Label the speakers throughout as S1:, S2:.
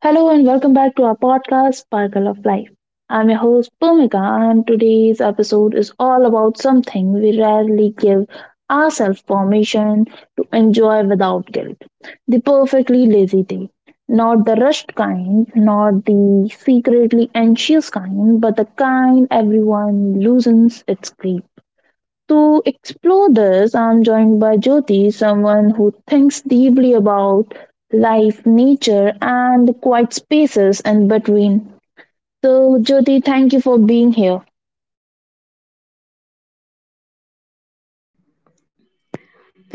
S1: Hello and welcome back to our podcast, Sparkle of Life. I'm your host, Bhumika, and today's episode is all about something we rarely give ourselves permission to enjoy without guilt the perfectly lazy day. Not the rushed kind, not the secretly anxious kind, but the kind everyone loosens its grip to explore this, I'm joined by Jyoti, someone who thinks deeply about life, nature, and the quiet spaces in between. So, Jyoti, thank you for being here.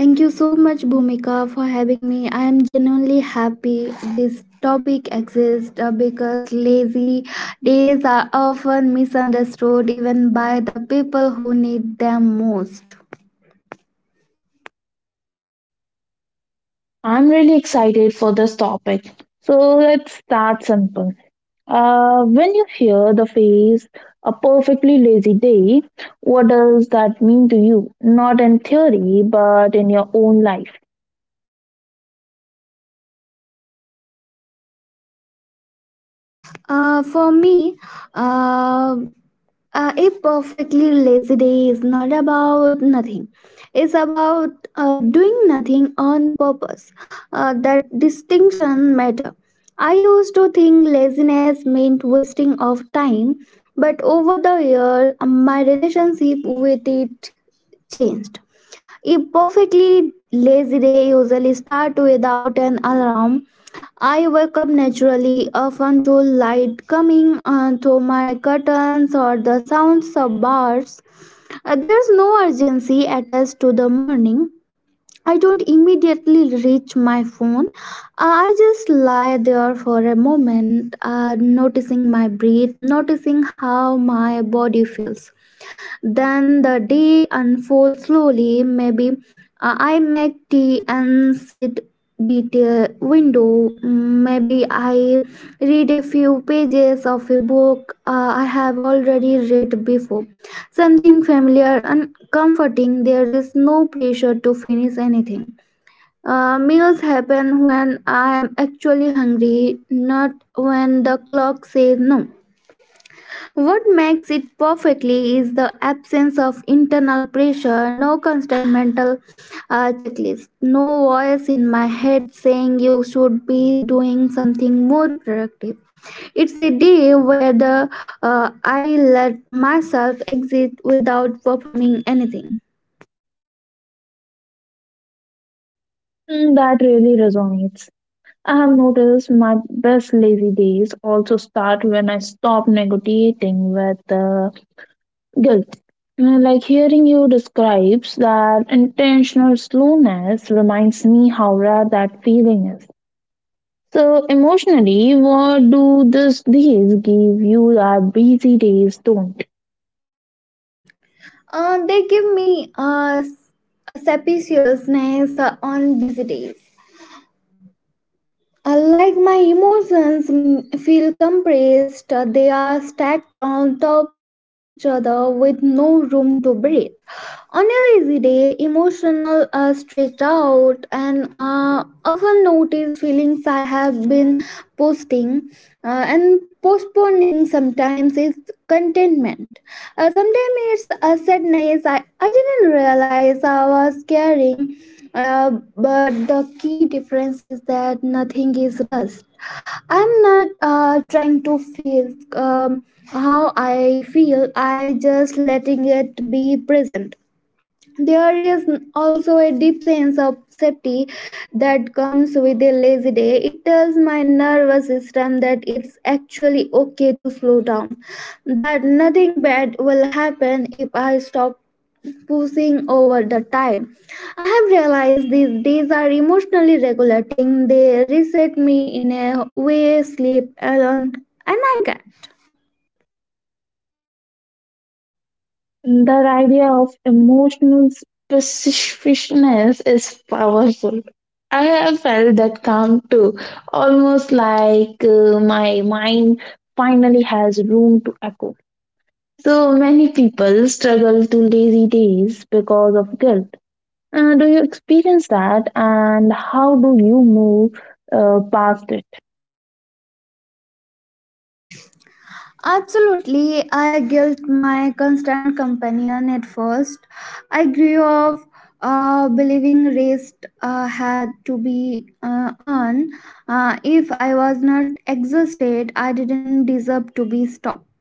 S2: Thank you so much, Bhumika, for having me. I am genuinely happy this topic exists because lazy days are often misunderstood even by the people who need them most.
S1: I'm really excited for this topic. So, let's start simple. When you hear the phrase a perfectly lazy day, what does that mean to you? Not in theory, but in your own life.
S2: Uh, for me, uh, uh, a perfectly lazy day is not about nothing, it's about doing nothing on purpose. That distinction matter. I used to think laziness meant wasting of time, but over the year my relationship with it changed. A perfectly lazy day usually starts without an alarm. I wake up naturally, often to light coming through my curtains or the sounds of birds. There's no urgency attached to the morning. I don't immediately reach my phone. I just lie there for a moment, noticing my breath, noticing how my body feels. Then the day unfolds slowly. Maybe I make tea and sit beat a window. Mm. Maybe I read a few pages of a book I have already read before. Something familiar and comforting. There is no pressure to finish anything. Meals happen when I am actually hungry, not when the clock says no. What makes it perfectly is the absence of internal pressure, no constant mental checklist, no voice in my head saying you should be doing something more productive. It's a day where I let myself exist without performing anything.
S1: Hmm. That really resonates. I have noticed my best lazy days also start when I stop negotiating with guilt. Like hearing you describes that intentional slowness reminds me how rare that feeling is. So emotionally, what do these give you that busy days don't?
S2: They give me a spaciousness. On busy days, unlike my emotions, mm, feel compressed, they are stacked on top of each other with no room to breathe. On a lazy day, emotional are stretched out, and often notice feelings I have been posting and postponing. Sometimes it's contentment. Sometimes it's a sadness I didn't realize I was carrying. Uh, but the key difference is that nothing is rushed. I'm not trying to feel how I feel, I just letting it be present. There is also a deep sense of safety that comes with a lazy day. It tells my nervous system that it's actually okay to slow down, that nothing bad will happen if I stop pushing over the time. I have realized these days are emotionally regulating. They reset me in a way sleep alone and I can.
S1: That idea of emotional specificness is powerful. I have felt that calm too, almost like my mind finally has room to echo. So many people struggle to lazy days because of guilt. Do you experience that, and how do you move past it?
S2: Absolutely, I guilt my constant companion at first. I grew up believing rest had to be earned. If I was not exhausted, I didn't deserve to be stopped.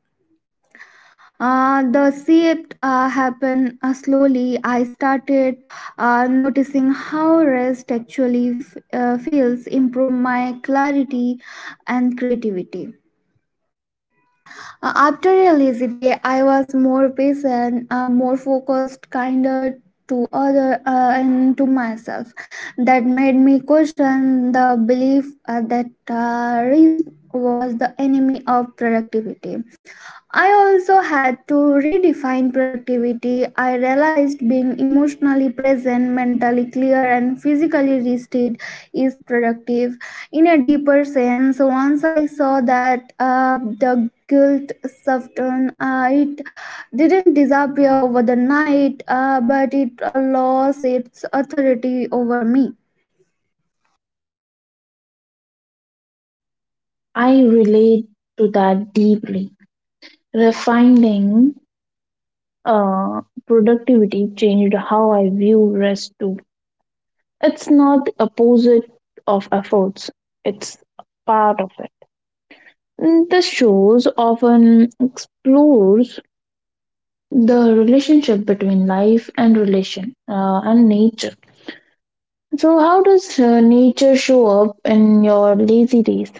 S2: The shift happened slowly. I started noticing how rest actually feels, improve my clarity and creativity. After a lazy day, I was more patient, more focused, kinder to other and to myself. That made me question the belief that rest was the enemy of productivity. I also had to redefine productivity. I realized being emotionally present, mentally clear, and physically rested is productive. In a deeper sense, once I saw that, the guilt softened. It didn't disappear over the night, but it lost its authority over me.
S1: I relate to that deeply. Refining productivity changed how I view rest too. It's not the opposite of efforts, it's part of it. Mm. The shows often explores the relationship between life and relation and nature. So, how does nature show up in your lazy days?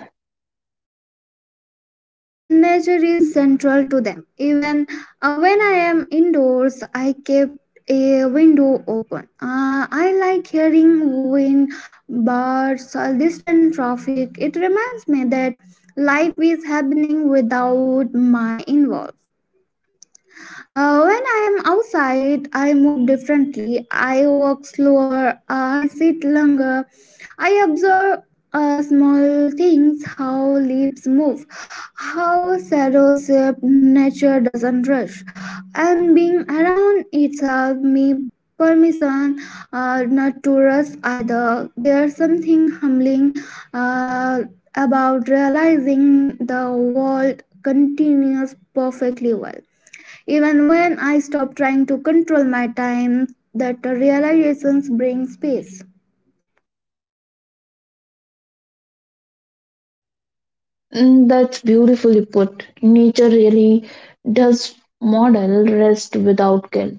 S2: Nature is central to them. Even when I am indoors, I keep a window open. I like hearing wind, birds, or distant traffic. It reminds me that life is happening without my involvement. When I am outside, I move differently. I walk slower. I sit longer. I observe small things, how leaves move, how shadows shape. Nature doesn't rush, and being around itself me permission not to rush either. There's something humbling uh, about realizing the world continues perfectly well. Even when I stop trying to control my time, that realizations bring space.
S1: Mm, that's beautifully put. Nature really does model rest without guilt.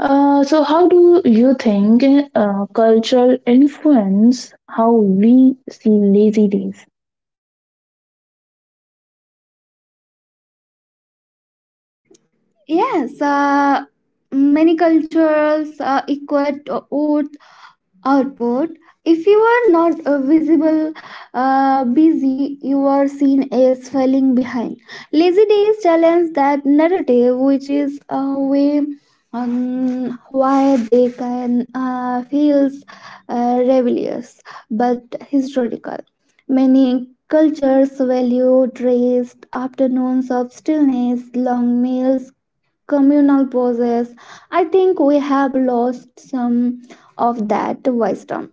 S1: So, how do you think culture influence how we see lazy days?
S2: Um, yes, many cultures equate oath output. If you are not visible busy, you are seen as falling behind. Lazy days challenge that narrative, which is a way why they can feels rebellious. But historical, many cultures value rest, afternoons of stillness, long meals, communal poses. I think we have lost some of that wisdom.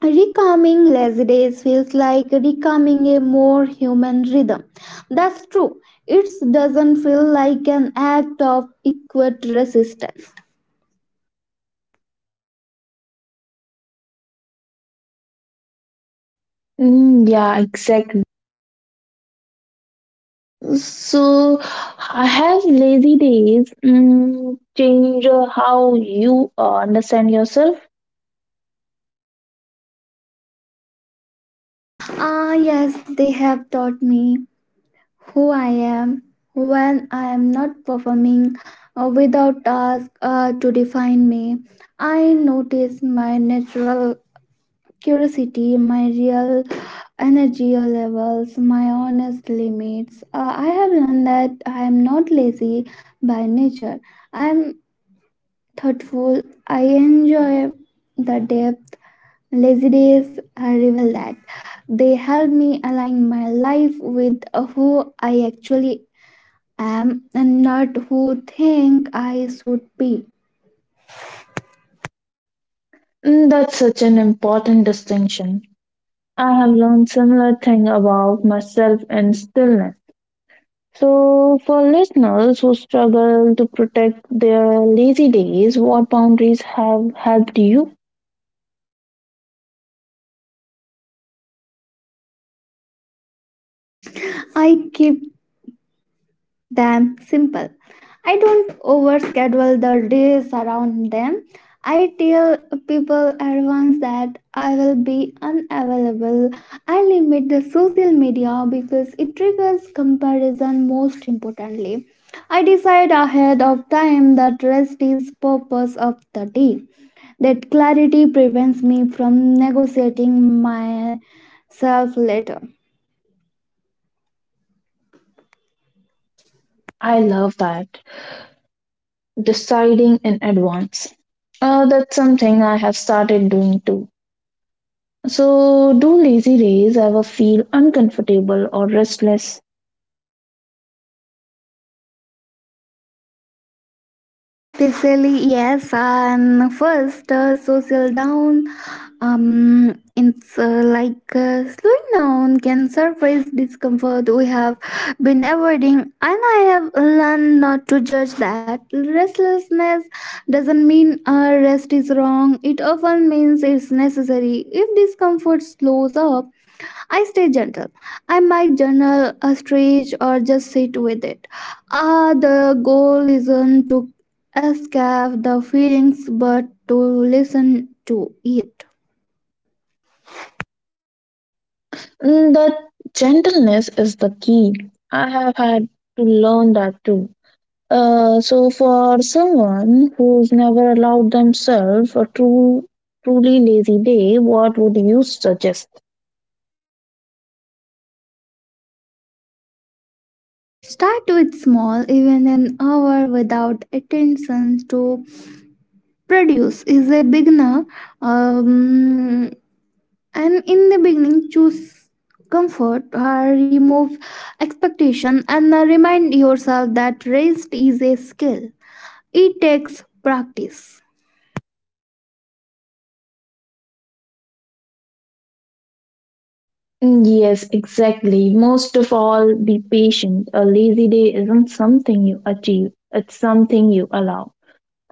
S2: Recalming lazy days feels like recalming a more human rhythm. That's true. It doesn't feel like an act of equate resistance.
S1: Mm, yeah, exactly. So, I have lazy days change how you understand yourself?
S2: Ah, yes, they have taught me who I am when I am not performing, without task to define me. I notice my natural curiosity, my real energy levels, my honest limits. I have learned that I am not lazy by nature. I am thoughtful. I enjoy the depth. Lazy days I revel that. They help me align my life with who I actually am, and not who think I should be.
S1: Mm, that's such an important distinction. I have learned similar thing about myself and stillness. So, for listeners who struggle to protect their lazy days, what boundaries have helped you?
S2: I keep them simple. I don't overschedule the days around them. I tell people advance that I will be unavailable. I limit the social media because it triggers comparison, most importantly. I decide ahead of time that rest is purpose of the day. That clarity prevents me from negotiating myself later.
S1: I love that. Deciding in advance. That's something I have started doing too. So, do lazy days ever feel uncomfortable or restless?
S2: Ah, especially yes, and first social down. It's like slowing down can surface discomfort we have been avoiding, and I have learned not to judge that. Restlessness doesn't mean rest is wrong. It often means it's necessary. If discomfort slows up, I stay gentle. I might journal a stretch or just sit with it. Ah, the goal isn't to escape the feelings but to listen to it.
S1: Mm, that gentleness is the key. I have had to learn that too. So, for someone who's never allowed themselves a true, truly lazy day, what would you suggest?
S2: Start with small, even an hour without attention to produce is a beginner. Um, and in the beginning, choose comfort or remove expectation, and remind yourself that rest is a skill. It takes practice.
S1: Mm, yes, exactly. Most of all, be patient. A lazy day isn't something you achieve, it's something you allow.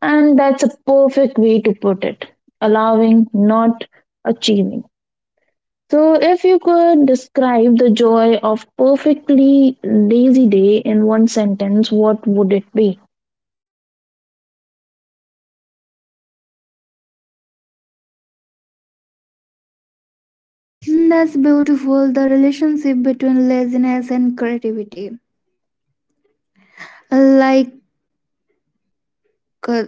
S1: And that's a perfect way to put it allowing, not achieving. So, if you could describe the joy of perfectly lazy day in one sentence, what would it be?
S2: That's beautiful. The relationship between laziness and creativity. Like, uh,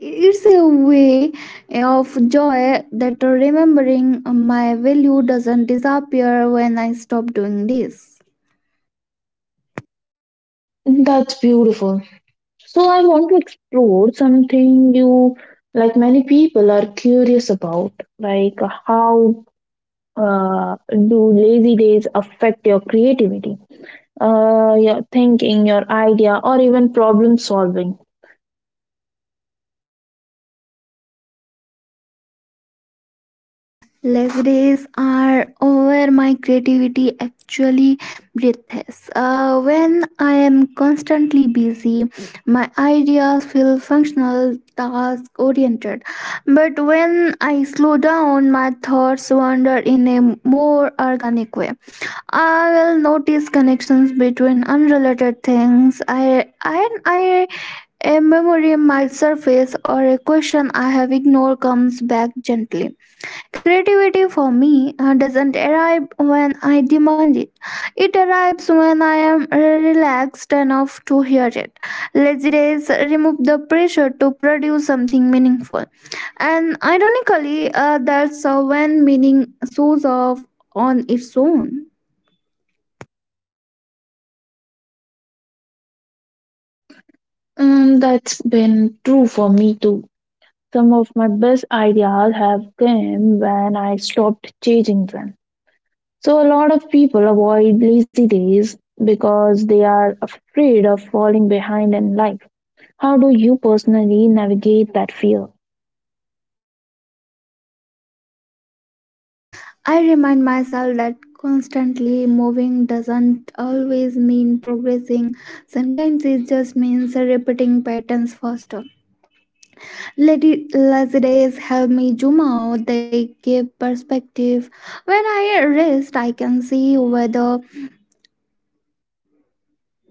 S2: it's a way of joy that remembering my value doesn't disappear when I stop doing this.
S1: That's beautiful. So, I want to explore something you, like many people, are curious about, like how uh, do lazy days affect your creativity, your thinking, your idea, or even problem solving?
S2: Less days are over, my creativity actually breathes. When I am constantly busy, my ideas feel functional, task oriented. But when I slow down, my thoughts wander in a more organic way. I will notice connections between unrelated things. I, a memory might surface, or a question I have ignored comes back gently. Creativity for me doesn't arrive when I demand it. It arrives when I am relaxed enough to hear it. Lazy days remove the pressure to produce something meaningful. And ironically, that's when meaning shows off on its own.
S1: And that's been true for me too. Some of my best ideas have come when I stopped chasing them. So, a lot of people avoid lazy days because they are afraid of falling behind in life. How do you personally navigate that fear?
S2: I remind myself that constantly moving doesn't always mean progressing, sometimes it just means repeating patterns faster. Lady Lazidays help me zoom out. They give perspective. When I rest, I can see whether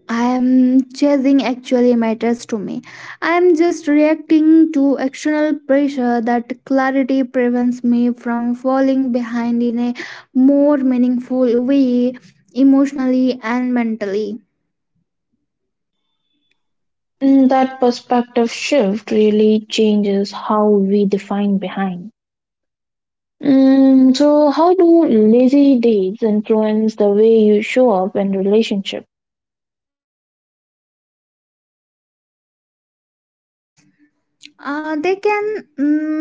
S2: I am chasing actually matters to me. I am just reacting to external pressure. That clarity prevents me from falling behind in a more meaningful way, emotionally and mentally.
S1: Mm, that perspective shift really changes how we define behind. Mm, so, how do lazy days influence the way you show up in relationship?
S2: Uh, they can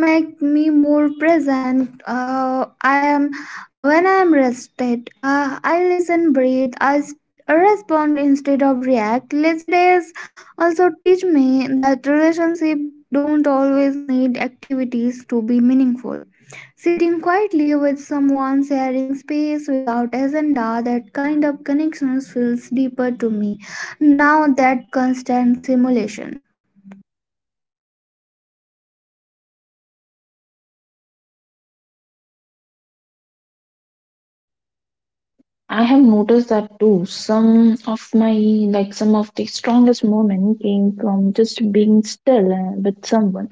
S2: make me more present. Uh, i am when i am rested, I listen, breathe, respond instead of react. Lazy days also teach me that relationships don't always need activities to be meaningful. Sitting quietly with someone, sharing space without agenda, that kind of connections feels deeper to me now that constant simulation.
S1: I have noticed that too. Some of my like some of the strongest moments came from just being still with someone.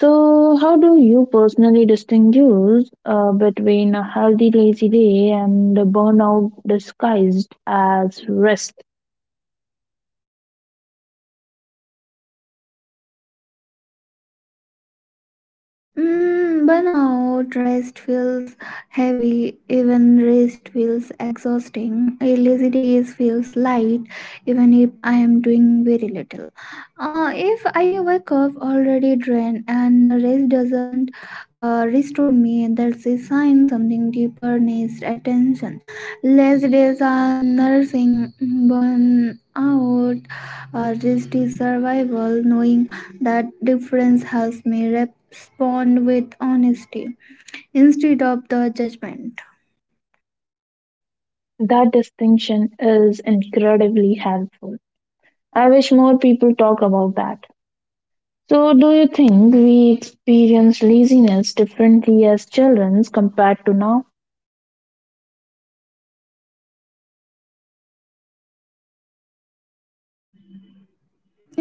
S1: So, how do you personally distinguish between a healthy lazy day and a burnout disguised as rest?
S2: Mm, burnout. Rest feels heavy, even rest feels exhausting. A lazy days feels light, even if I am doing very little. If I wake up already drained and rest doesn't restore me, that's a sign something deeper needs attention. Lazy days are nursing burnout. Out. Rest is survival. Knowing that difference helps me respond with honesty instead of the judgment.
S1: That distinction is incredibly helpful. I wish more people talk about that. So, do you think we experience laziness differently as children compared to now?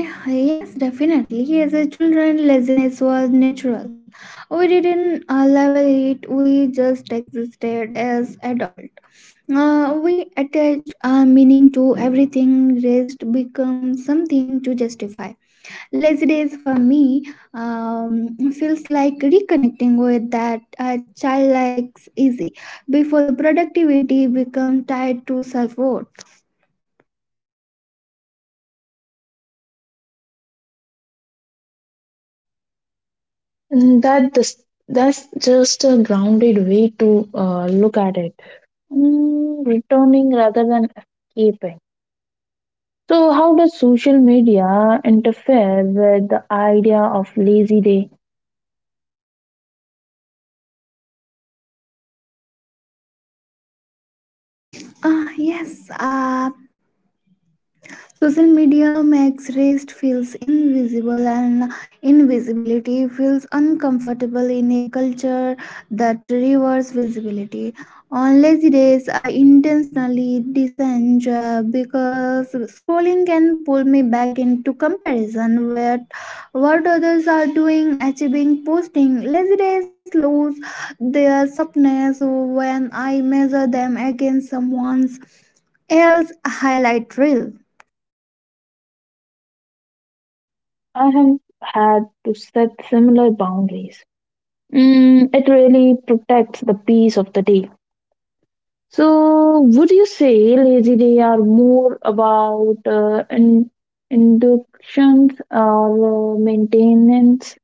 S2: Yeah, yes, definitely. As a children, laziness was natural. We didn't level it, we just existed as adult. We attach meaning to everything, rest becomes something to justify. Lazy days for me feels like reconnecting with that childlike easy before the productivity become tied to self-worth.
S1: Mm, that's just a grounded way to look at it. Mm, returning rather than escaping. So, how does social media interfere with the idea of lazy day?
S2: Yes. Social media makes rest feels invisible, and invisibility feels uncomfortable in a culture that rewards visibility. On lazy days, I intentionally disengage because scrolling can pull me back into comparison with what others are doing, achieving, posting. Lazy days lose their softness when I measure them against someone's else highlight reel.
S1: I have had to set similar boundaries. Mm, it really protects the peace of the day. So, would you say lazy day are more about inductions or maintenance?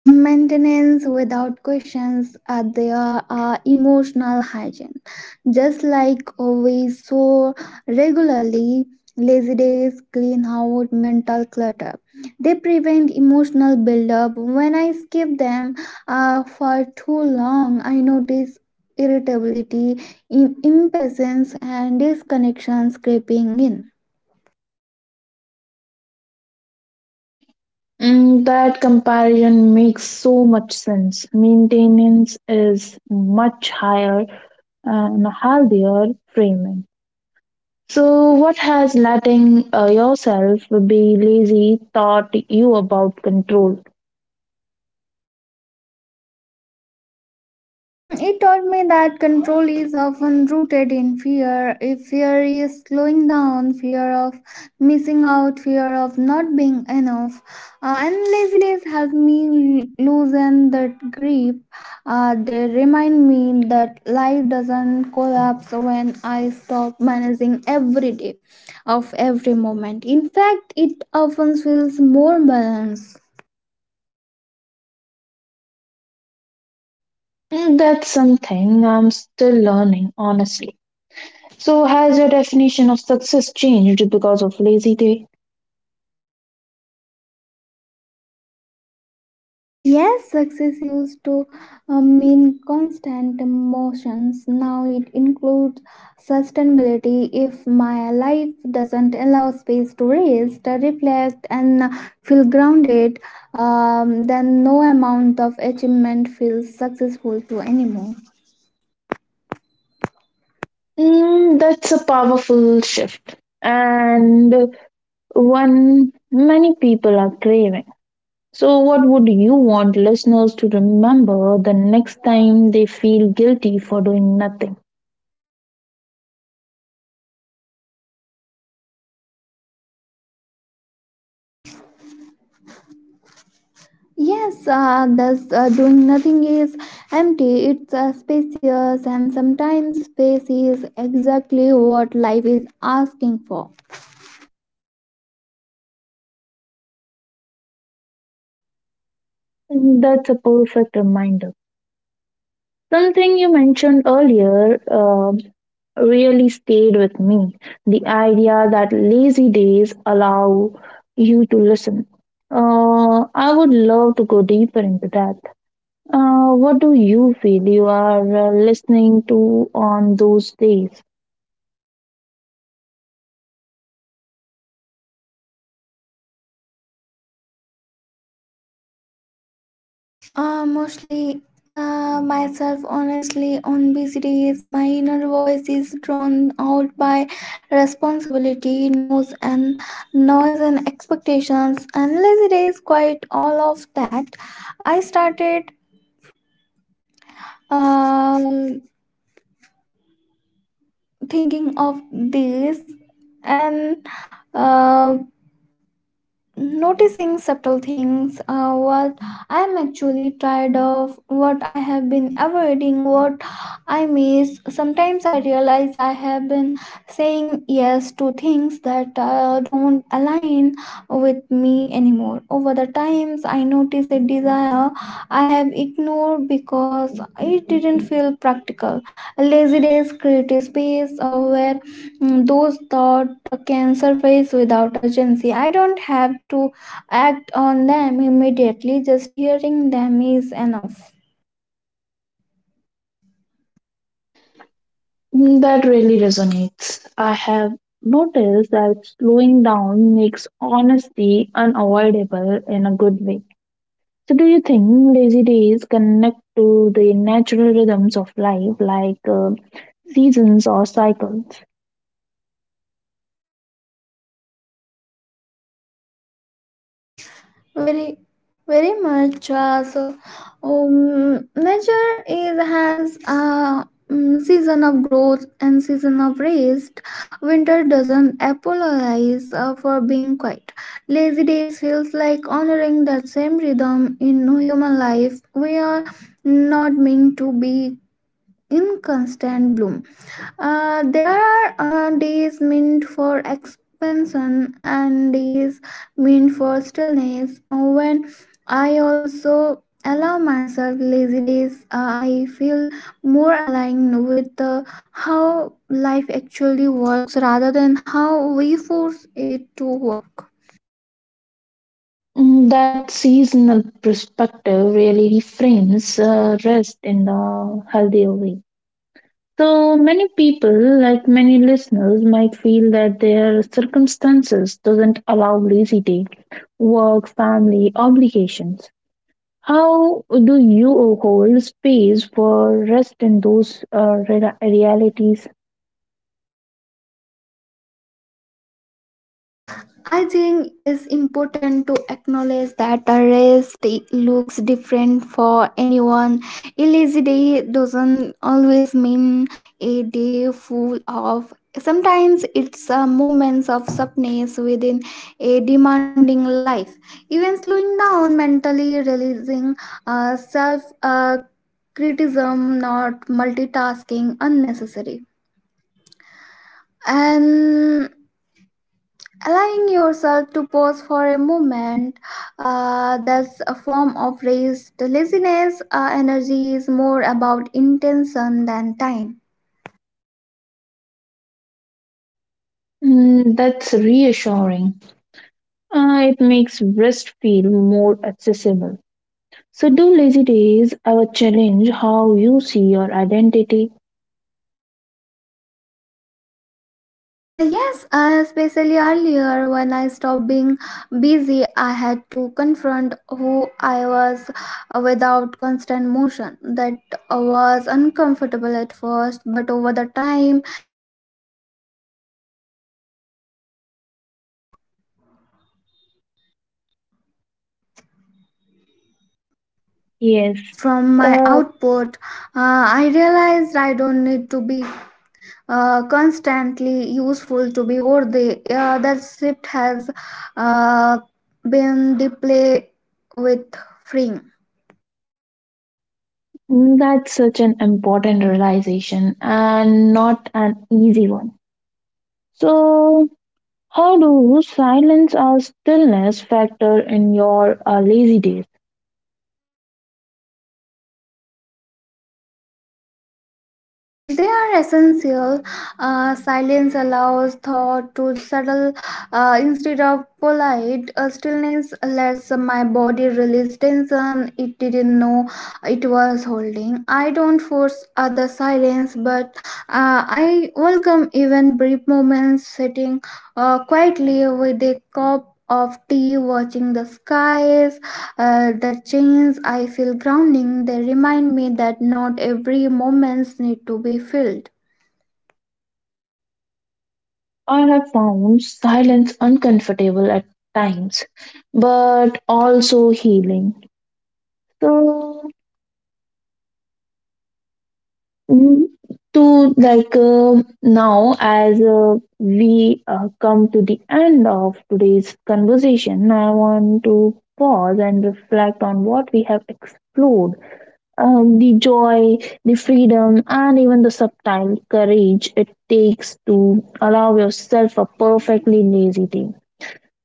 S2: Maintenance without questions are there are emotional hygiene. Just like we so regularly, lazy days clean out mental clutter. They prevent emotional buildup. When I skip them for too long, I notice irritability, impatience, and disconnections creeping in.
S1: Mm, that comparison makes so much sense. Maintenance is much higher and healthier framing. So, what has letting yourself be lazy taught you about control?
S2: Um, it taught me that control is often rooted in fear. If fear is slowing down, fear of missing out, fear of not being enough, and lazy days help me loosen that grip. They remind me that life doesn't collapse when I stop managing every day of every moment. In fact, it often feels more balanced.
S1: Mm, that's something I'm still learning, honestly. So, has your definition of success changed because of Lazy Day?
S2: Yes, success used to mean constant motions. Now it includes sustainability. If my life doesn't allow space to rest, reflect, and feel grounded, then no amount of achievement feels successful to anymore.
S1: Mm, that's a powerful shift and one many people are craving. So, what would you want listeners to remember the next time they feel guilty for doing nothing?
S2: Yes, thus doing nothing is empty. It's spacious, and sometimes space is exactly what life is asking for.
S1: That's a perfect reminder. Something you mentioned earlier really stayed with me. The idea that lazy days allow you to listen. I would love to go deeper into that. What do you feel you are listening to on those days?
S2: Mostly myself, honestly. On busy days, my inner voice is drawn out by responsibility, noise, and noise and expectations, and lazy days, quite all of that. I started uh, thinking of this, and uh, noticing subtle things, what I am actually tired of, what I have been avoiding, what I miss. Sometimes I realize I have been saying yes to things that don't align with me anymore. Over the times, I notice a desire I have ignored because it didn't feel practical. Lazy days create a space where, mm, those thought a cancer face without urgency. I don't have to act on them immediately, just hearing them is enough.
S1: Mm, that really resonates. I have noticed that slowing down makes honesty unavoidable in a good way. So, do you think lazy days connect to the natural rhythms of life, like seasons or cycles?
S2: Very very much so. Nature is has a, mm, season of growth and season of rest. Winter doesn't apologize for being quiet. Lazy days feels like honoring that same rhythm in human life. We are not meant to be in constant bloom. There are days meant for expansion and days meant for stillness. When I also allow myself lazy days, I feel more aligned with how life actually works rather than how we force it to work.
S1: Mm, that seasonal perspective really reframes rest in a healthier way. So many people, like many listeners, might feel that their circumstances doesn't allow lazy day, work, family obligations. How do you hold space for rest in those realities?
S2: I think it's important to acknowledge that the race looks different for anyone. A lazy day doesn't always mean a day full of. Sometimes it's a moments of softness within a demanding life. Even slowing down mentally, releasing self criticism, not multitasking unnecessary. And allowing yourself to pause for a moment, that's a form of rest. The laziness energy is more about intention than time.
S1: Mm, that's reassuring. It makes rest feel more accessible. So, do lazy days ever challenge how you see your identity?
S2: Yes, especially earlier, when I stopped being busy, I had to confront who I was without constant motion. That was uncomfortable at first, but over the time it helped me to separate my identity
S1: Yes,
S2: from my
S1: uh,
S2: output. I realized I don't need to be constantly useful to be worthy. That shift has uh, been deeply with freeing.
S1: that's such an important realization and not an easy one. So, how do silence or stillness factor in your lazy days?
S2: They are essential. Silence allows thought to settle instead of collide. Stillness lets my body release tension it didn't know it was holding. I don't force other silence, but I welcome even brief moments sitting quietly with a cup of tea, watching the skies, the chains I feel grounding. They remind me that not every moments need to be filled.
S1: I have found silence uncomfortable at times, but also healing. So, Mm, to like now as we come to the end of today's conversation, I want to pause and reflect on what we have explored, the joy, the freedom, and even the subtle courage it takes to allow yourself a perfectly lazy day.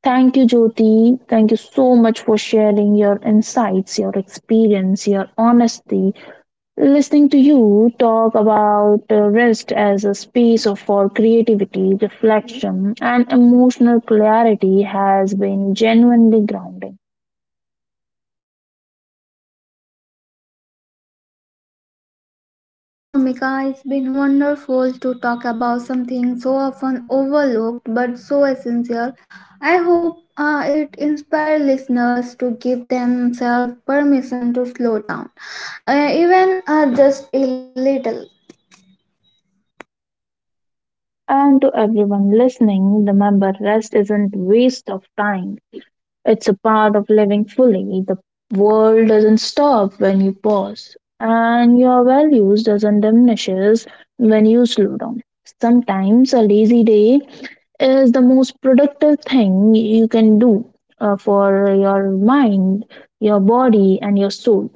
S1: Thank you, Jyoti. Thank you so much for sharing your insights, your experience, your honesty. Listening to you talk about rest as a space for creativity, reflection, and emotional clarity has been genuinely grounding.
S2: Thank you so much, Bhumika. It's been wonderful to talk about something so often overlooked but so essential. I hope it inspires listeners to give themselves permission to slow down, even just a little.
S1: And to everyone listening, remember rest isn't waste of time. It's a part of living fully. The world doesn't stop when you pause, and your values doesn't diminishes when you slow down. Sometimes a lazy day is the most productive thing you can do for your mind, your body, and your soul.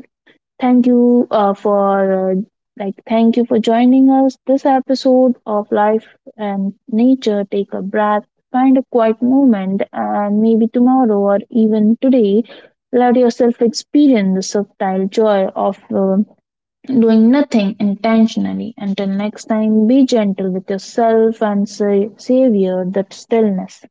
S1: Thank you uh, for uh, like thank you for joining us this episode of life and nature. Take a breath, find a quiet moment, and maybe tomorrow or even today let yourself experience the subtle joy of doing nothing intentionally. Until next time, be gentle with yourself and savor that stillness.